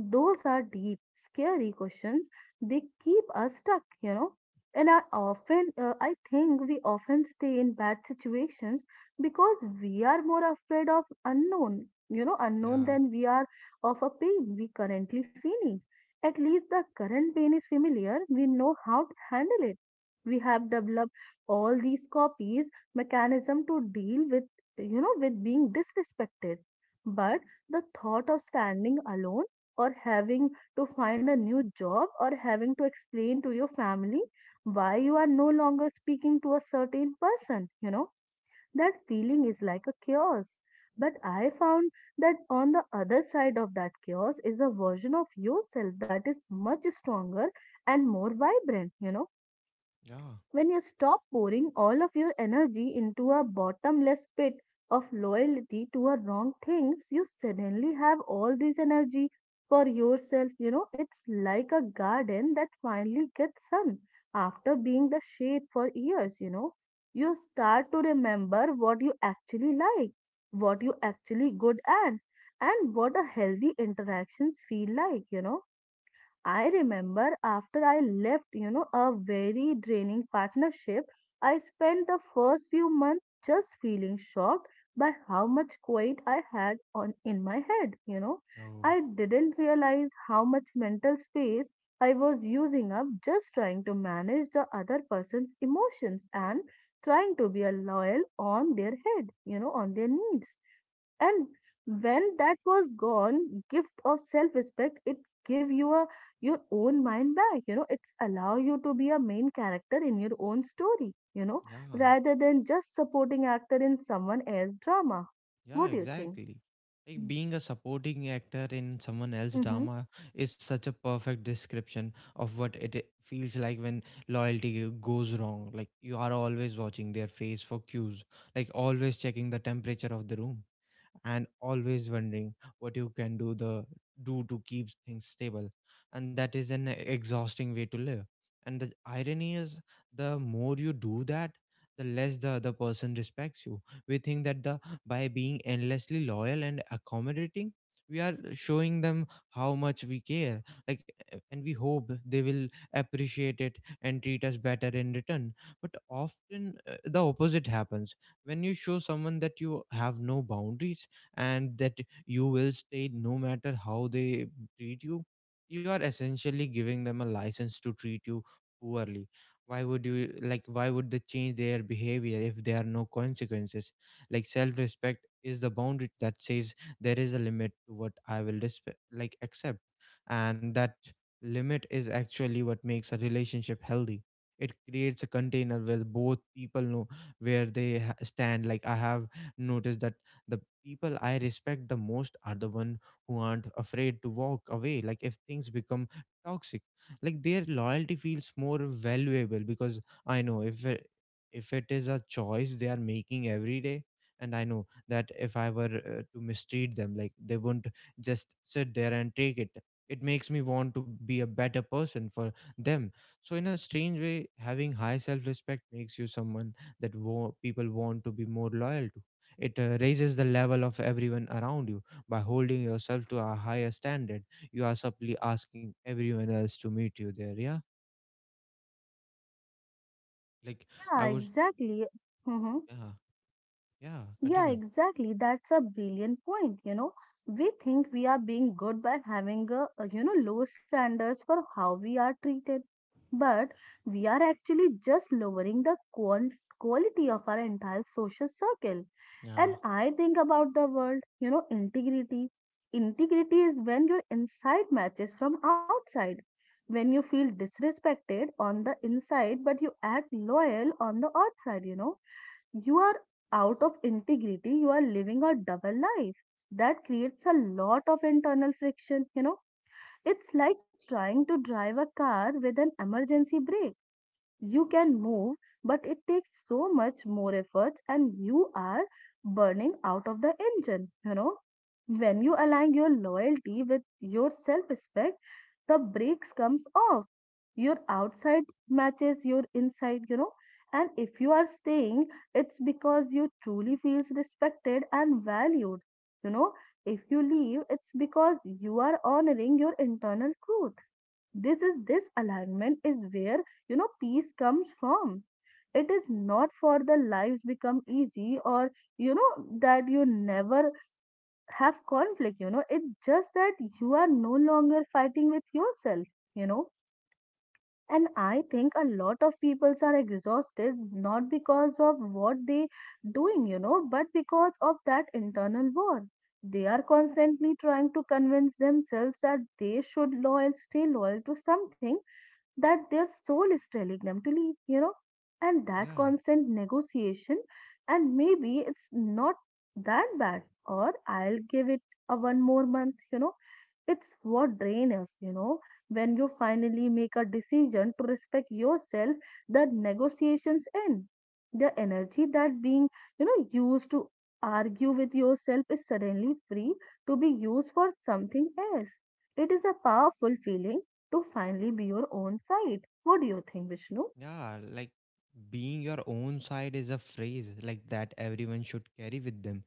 Speaker 2: Those are deep, scary questions. They keep us stuck, you know. And I think we often stay in bad situations because we are more afraid of unknown, you know, unknown
Speaker 1: Yeah.
Speaker 2: than we are of a pain we currently feeling. At least the current pain is familiar. We know how to handle it. We have developed all these copies mechanism to deal with, you know, with being disrespected. But the thought of standing alone or having to find a new job or having to explain to your family why you are no longer speaking to a certain person, you know, that feeling is like a chaos. But I found that on the other side of that chaos is a version of yourself that is much stronger and more vibrant, you know.
Speaker 1: Yeah.
Speaker 2: When you stop pouring all of your energy into a bottomless pit of loyalty to a wrong things, you suddenly have all this energy for yourself. You know, it's like a garden that finally gets sun after being the shade for years, you know. You start to remember what you actually like, what you actually good at, and what a healthy interactions feel like, you know. I remember after I left, you know, a very draining partnership, I spent the first few months just feeling shocked by how much quiet I had on in my head, you know.
Speaker 1: Oh,
Speaker 2: I didn't realize how much mental space I was using up just trying to manage the other person's emotions and trying to be a loyal on their head, you know, on their needs. And when that was gone, gift of self respect it give you a your own mind back, you know. It's allow you to be a main character in your own story, you know,
Speaker 1: yeah,
Speaker 2: rather than just supporting actor in someone else's drama.
Speaker 1: yeah,
Speaker 2: What do you think?
Speaker 1: exactly. Like
Speaker 2: Mm.
Speaker 1: being a supporting actor in someone else's
Speaker 2: Hmm.
Speaker 1: drama is such a perfect description of what it feels like when loyalty goes wrong. Like you are always watching their face for cues, like always checking the temperature of the room, and always wondering what you can do the do to keep things stable. And that is an exhausting way to live. And the irony is, the more you do that, the less the other person respects you. We think that the by being endlessly loyal and accommodating, we are showing them how much we care, like, and we hope they will appreciate it and treat us better in return. But often, the opposite happens. When you show someone that you have no boundaries and that you will stay no matter how they treat you, you are essentially giving them a license to treat you poorly. Why would you, like, why would they change their behavior if there are no consequences? Like self respect is the boundary that says there is a limit to what I will like accept. And that limit is actually what makes a relationship healthy. It creates a container where both people know where they stand. Like I have noticed that the people I respect the most are the one who aren't afraid to walk away, like, if things become toxic. Like their loyalty feels more valuable because I know if it is a choice they are making every day. And I know that if I were to mistreat them, like, they wouldn't just sit there and take it. It makes me want to be a better person for them. So in a strange way, having high self respect makes you someone that people want to be more loyal to. It raises the level of everyone around you by holding yourself to a higher standard. You are simply asking everyone else to meet you there. Yeah, like, I
Speaker 2: Yeah,
Speaker 1: would.
Speaker 2: exactly. Mm-hmm.
Speaker 1: Yeah, yeah.
Speaker 2: Yeah,
Speaker 1: Continue.
Speaker 2: exactly. That's a brilliant point. You know, we think we are being good by having you know, low standards for how we are treated, but we are actually just lowering the quality of our entire social circle.
Speaker 1: Yeah.
Speaker 2: And I think about the world, you know, integrity. Integrity is when your inside matches from outside. When you feel disrespected on the inside, but you act loyal on the outside, you know, you are out of integrity. You are living a double life that creates a lot of internal friction, you know. It's like trying to drive a car with an emergency brake. You can move, but it takes so much more efforts and you are burning out of the engine, you know. When you align your loyalty with your self respect, the brakes comes off. Your outside matches your inside, you know. And if you are staying, it's because you truly feels respected and valued. You know, if you leave, it's because you are honoring your internal truth. This is this alignment is where, you know, peace comes from. It is not for the lives become easy or, you know, that you never have conflict, you know. It's just that you are no longer fighting with yourself, you know. And I think a lot of people are exhausted not because of what they doing, you know, but because of that internal war. They are constantly trying to convince themselves that they should loyal stay loyal to something that their soul is telling them to leave, you know, and that
Speaker 1: Yeah.
Speaker 2: constant negotiation. And maybe it's not that bad, or I'll give it a one more month, you know. It's what drain us, you know. When you finally make a decision to respect yourself, the negotiations end. The energy that being, you know, used to argue with yourself is suddenly free to be used for something else. It is a powerful feeling to finally be your own side. What do you think, Vishnu?
Speaker 1: Yeah, like being your own side is a phrase like that everyone should carry with them.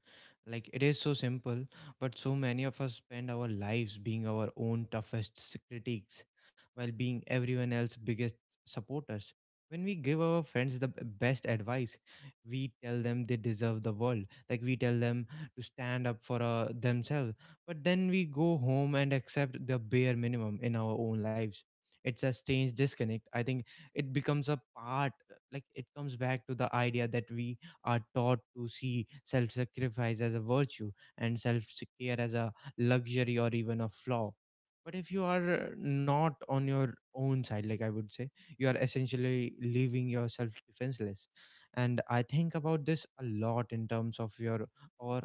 Speaker 1: Like it is so simple, but so many of us spend our lives being our own toughest critics while being everyone else's biggest supporters. When we give our friends the best advice, we tell them they deserve the world. Like we tell them to stand up for themselves. But then we go home and accept the bare minimum in our own lives. It's a strange disconnect. I think it becomes a part, like it comes back to the idea that we are taught to see self sacrifice as a virtue and self care as a luxury or even a flaw. But if you are not on your own side, like I would say, you are essentially leaving yourself defenseless. And I think about this a lot in terms of your, or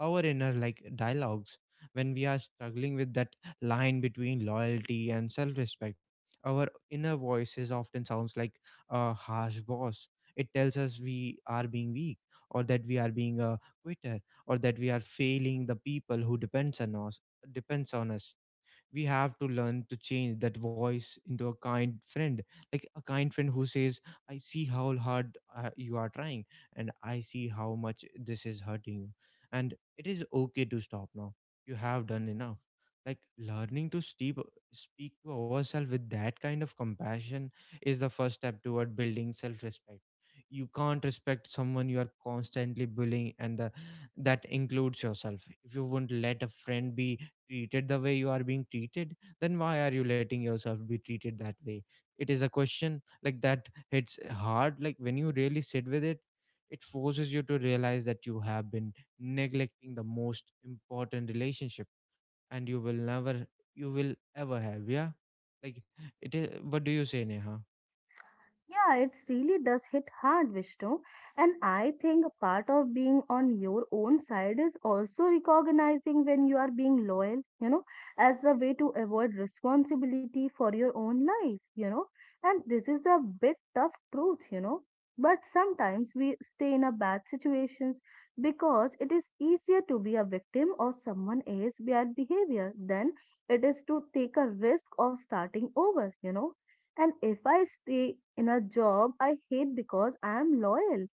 Speaker 1: our inner, like, dialogues. When we are struggling with that line between loyalty and self-respect, our inner voices often sounds like a harsh boss. It tells us we are being weak, or that we are being a quitter, or that we are failing the people who depends on us. We have to learn to change that voice into a kind friend. Like a kind friend who says, I see how hard you are trying, and I see how much this is hurting you, and it is okay to stop now. You have done enough. Like learning to speak to ourselves with that kind of compassion is the first step toward building self-respect. You can't respect someone you are constantly bullying, and that includes yourself. If you wouldn't let a friend be treated the way you are being treated, then why are you letting yourself be treated that way? It is a question like that hits hard, like when you really sit with it, it forces you to realize that you have been neglecting the most important relationship, and you will never, you will ever have. Yeah. Like, it is, what do you say, Neha?
Speaker 2: Yeah, it really does hit hard, Vishnu. And I think a part of being on your own side is also recognizing when you are being loyal, you know, as a way to avoid responsibility for your own life, you know. And this is a bit tough truth, you know. But sometimes we stay in a bad situations because it is easier to be a victim of someone else's bad behavior than it is to take a risk of starting over, you know. And if I stay in a job I hate because I am loyal,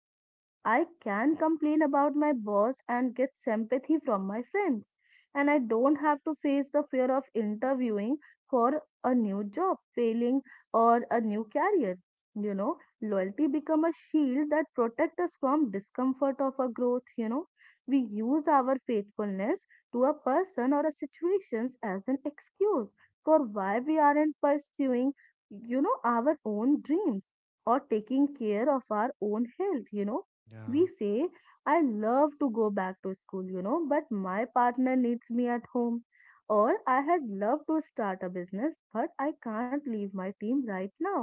Speaker 2: I can complain about my boss and get sympathy from my friends. And I don't have to face the fear of interviewing for a new job, failing, or a new career. You know, loyalty become a shield that protect us from discomfort of our growth, you know. We use our faithfulness to a person or a situations as an excuse for why we aren't pursuing, you know, our own dreams or taking care of our own health, you know.
Speaker 1: Yeah,
Speaker 2: We say, I love to go back to school, you know, but my partner needs me at home. Or I had loved to start a business, but I can't leave my team right now.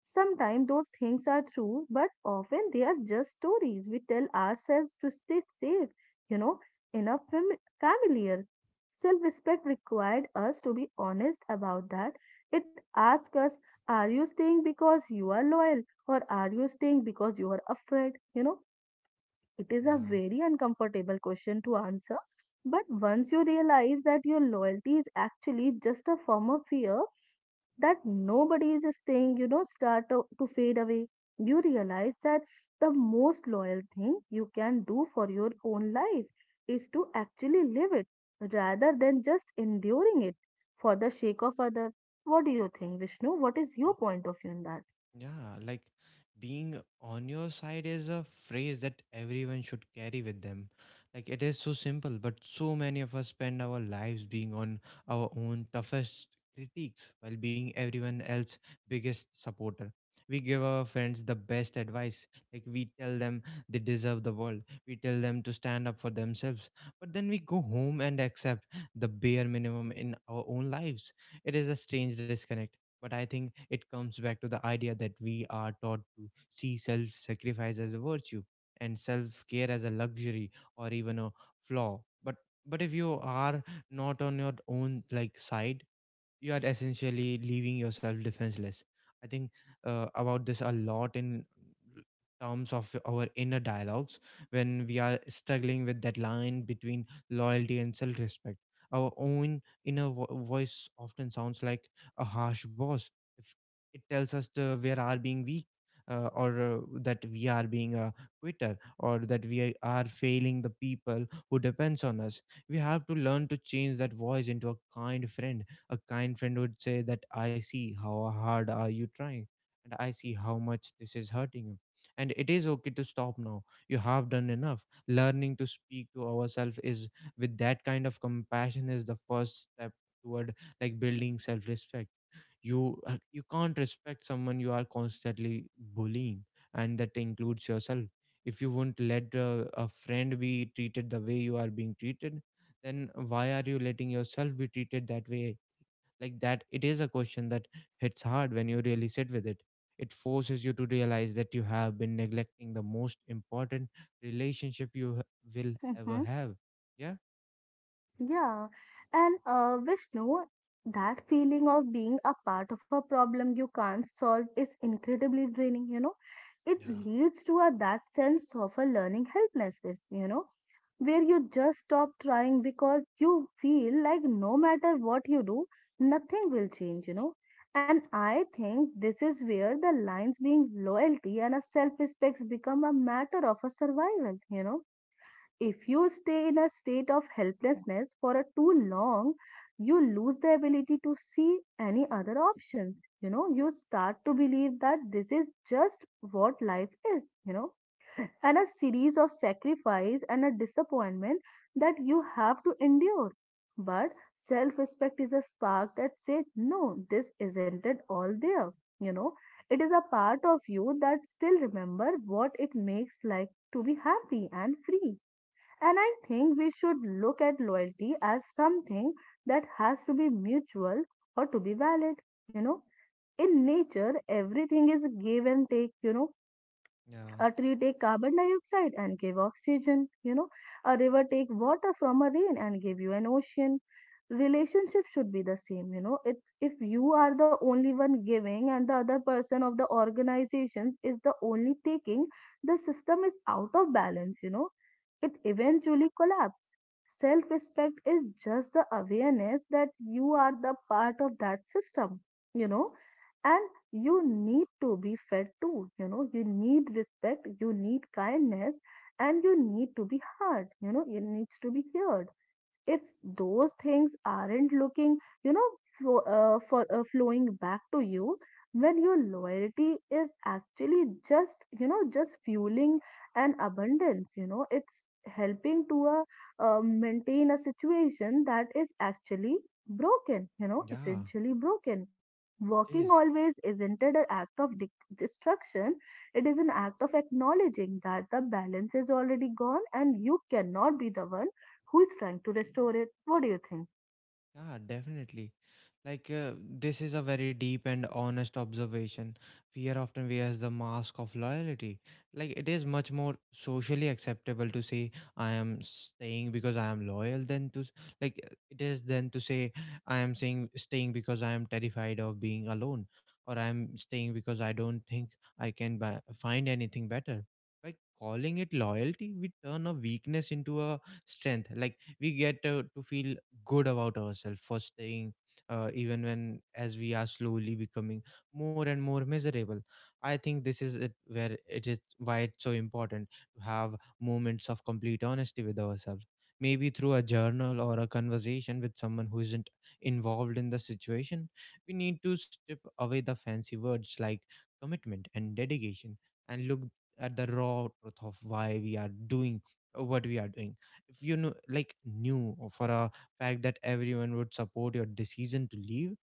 Speaker 2: Sometimes those things are true, but often they are just stories we tell ourselves to stay safe, you know, in a familiar. Self respect required us to be honest about that. It asks us, are you staying because you are loyal, or are you staying because you are afraid? You know, it is a
Speaker 1: yeah.
Speaker 2: very uncomfortable question to answer, but once you realize that your loyalty is actually just a form of fear that nobody is staying, you know, start to fade away, you realize that the most loyal thing you can do for your own life is to actually live it rather than just enduring it for the sake of others. What do you think, Vishnu? What is your point of view in that?
Speaker 1: Yeah, like being on your side is a phrase that everyone should carry with them. Like it is so simple, but so many of us spend our lives being on our own toughest critiques while being everyone else's biggest supporter. We give our friends the best advice. Like we tell them they deserve the world. We tell them to stand up for themselves. But then we go home and accept the bare minimum in our own lives. It is a strange disconnect, but I think it comes back to the idea that we are taught to see self sacrifice as a virtue and self care as a luxury or even a flaw. But if you are not on your own, like, side, you are essentially leaving yourself defenseless. I think about this a lot in terms of our inner dialogues when we are struggling with that line between loyalty and self-respect. Our own inner voice often sounds like a harsh boss. If it tells us the we are being weak, or that we are being a quitter, or that we are failing the people who depends on us, we have to learn to change that voice into a kind friend. A kind friend would say that I see how hard are you trying, and I see how much this is hurting you. And it is okay to stop now. You have done enough. Learning to speak to ourselves is with that kind of compassion is the first step toward, like, building self-respect. You you can't respect someone you are constantly bullying, and that includes yourself. If you wouldn't let a friend be treated the way you are being treated, then why are you letting yourself be treated that way? Like, that it is a question that hits hard when you really sit with it. It forces you to realize that you have been neglecting the most important relationship will ever have. Yeah.
Speaker 2: Yeah, and Vishnu, that feeling of being a part of a problem you can't solve is incredibly draining, you know. It
Speaker 1: Yeah,
Speaker 2: leads to a that sense of a learning helplessness, you know, where you just stop trying because you feel like no matter what you do, nothing will change, you know. And I think this is where the lines being loyalty and a self-respect become a matter of a survival, you know. If you stay in a state of helplessness for a too long, you lose the ability to see any other options, you know. You start to believe that this is just what life is, you know, and a series of sacrifice and a disappointment that you have to endure. But self respect is a spark that says no, this isn't it all there, you know. It is a part of you that still remember what it makes like to be happy and free. And I think we should look at loyalty as something that has to be mutual or to be valid. You know, in nature, everything is give and take,
Speaker 1: yeah,
Speaker 2: a tree take carbon dioxide and give oxygen. A river take water from a rain and give you an ocean. Relationship should be the same. It's if you are the only one giving and the other person of the organizations is the only taking, the system is out of balance. It eventually collapses. Self respect is just the awareness that you are the part of that system, you know and you need to be fed too. You need respect, you need kindness, and you need to be heard. It needs to be heard if those things aren't looking, you know, for flowing back to you, when your loyalty is actually just fueling an abundance, it's helping to maintain a situation that is actually broken,
Speaker 1: yeah,
Speaker 2: essentially broken.
Speaker 1: it
Speaker 2: Working
Speaker 1: is.
Speaker 2: always isn't it an act of destruction? It is an act of acknowledging that the balance is already gone and you cannot be the one who is trying to restore it. What do you think?
Speaker 1: Yeah, definitely. Like, this is a very deep and honest observation. Fear often wears the mask of loyalty. Like, it is much more socially acceptable to say, I am staying because I am loyal, than to, like, it is then to say, I am saying, staying because I am terrified of being alone, or I am staying because I don't think I can buy, find anything better. By calling it loyalty, we turn a weakness into a strength. Like, we get to feel good about ourselves for staying, even when as we are slowly becoming more and more miserable. I think this is it where it is why it's so important to have moments of complete honesty with ourselves, maybe through a journal or a conversation with someone who isn't involved in the situation. We need to strip away the fancy words like commitment and dedication and look at the raw truth of why we are doing what we are doing. If you know, like, knew for a fact that everyone would support your decision to leave,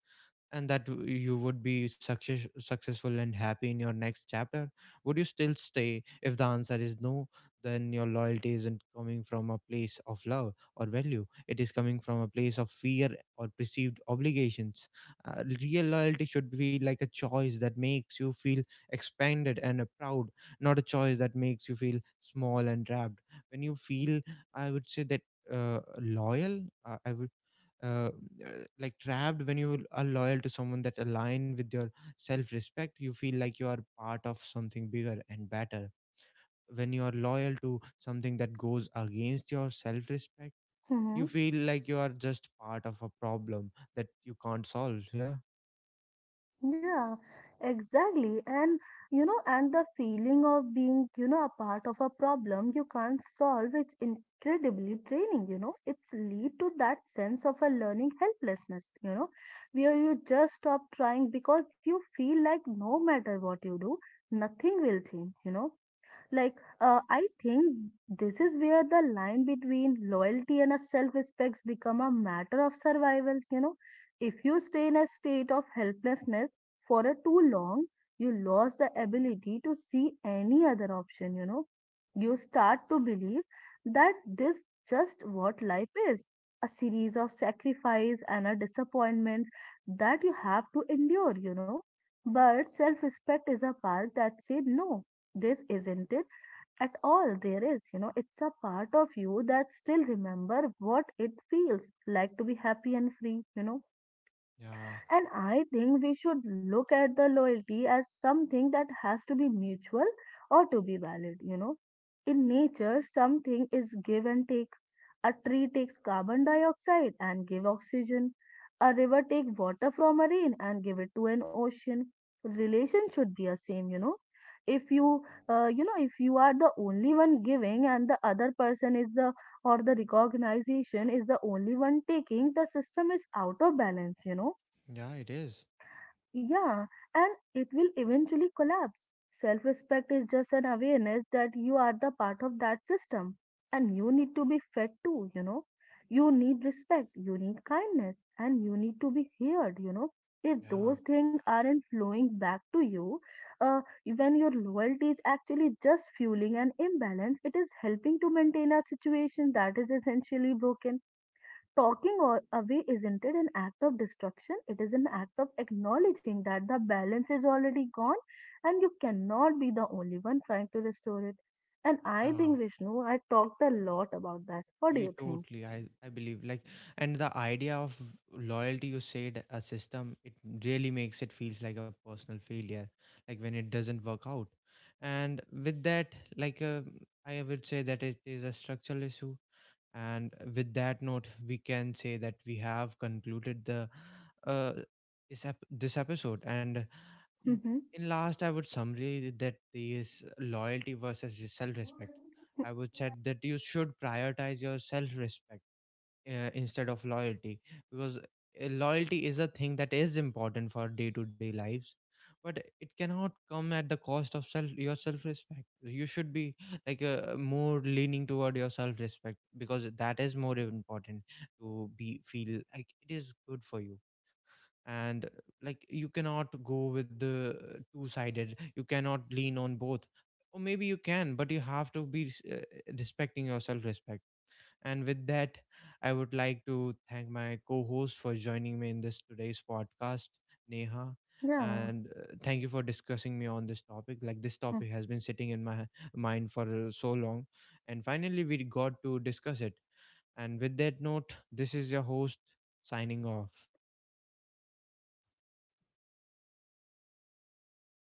Speaker 1: and that you would be success, successful and happy in your next chapter, would you still stay? If the answer is no, then your loyalty isn't coming from a place of love or value. It is coming from a place of fear or perceived obligations. Uh, real loyalty should be like a choice that makes you feel expanded and, proud, not a choice that makes you feel small and trapped. When you feel, I would say that loyal I would uh, uh, like trapped, when you are loyal to someone that align with your self respect, you feel like you are part of something bigger and better. When you are loyal to something that goes against your self respect,
Speaker 2: Mm-hmm.
Speaker 1: you feel like you are just part of a problem that you can't solve. Yeah.
Speaker 2: Yeah, exactly. And the feeling of being a part of a problem you can't solve, it's incredibly draining. It's lead to that sense of a learning helplessness, where you just stop trying because you feel like no matter what you do, nothing will change. Like, I think this is where the line between loyalty and self respect become a matter of survival. If you stay in a state of helplessness for a too long, you lose the ability to see any other option. You start to believe that this just what life is, a series of sacrifice and a disappointments that you have to endure. But self respect is a part that said no, this isn't it at all there is. It's a part of you that still remember what it feels like to be happy and free.
Speaker 1: Yeah,
Speaker 2: And I think we should look at the loyalty as something that has to be mutual or to be valid. In nature, something is give and take. A tree takes carbon dioxide and give oxygen. A river take water from a rain and give it to an ocean. Relation should be a same. If you, if you are the only one giving and the other person is the or the recognition is the only one taking, the system is out of balance.
Speaker 1: yeah, it is.
Speaker 2: Yeah, and it will eventually collapse. Self respect is just an awareness that you are the part of that system and you need to be fed too, you know. You need respect, you need kindness, and you need to be heard. If
Speaker 1: Yeah.
Speaker 2: those things aren't flowing back to you, uh, when your loyalty is actually just fueling an imbalance, it is helping to maintain a situation that is essentially broken. Talking away isn't it an act of destruction? It is an act of acknowledging that the balance is already gone and you cannot be the only one trying to restore it. And I
Speaker 1: Yeah,
Speaker 2: think, Vishnu, I talked a lot about that. What do
Speaker 1: we
Speaker 2: you think?
Speaker 1: totally, I believe, like, and the idea of loyalty, you said a system, it really makes it feels like a personal failure, like when it doesn't work out. And with that, like, I would say that it is a structural issue. And with that note, we can say that we have concluded the uh, this episode. And m-
Speaker 2: Mm-hmm.
Speaker 1: in last, I would summary that this loyalty versus self respect. I would said that you should prioritize your self respect instead of loyalty, because loyalty is a thing that is important for day to day lives, but it cannot come at the cost of self your self respect. You should be, like, more leaning toward your self respect, because that is more important to be feel like it is good for you. And, like, you cannot go with the two sided, you cannot lean on both, or maybe you can, but you have to be respecting your self respect. And with that, I would like to thank my co-host for joining me in this today's podcast, Neha.
Speaker 2: Yeah.
Speaker 1: And thank you for discussing me on this topic. Like, this topic has been sitting in my mind for so long, and finally we got to discuss it. And with that note, this is your host, signing off.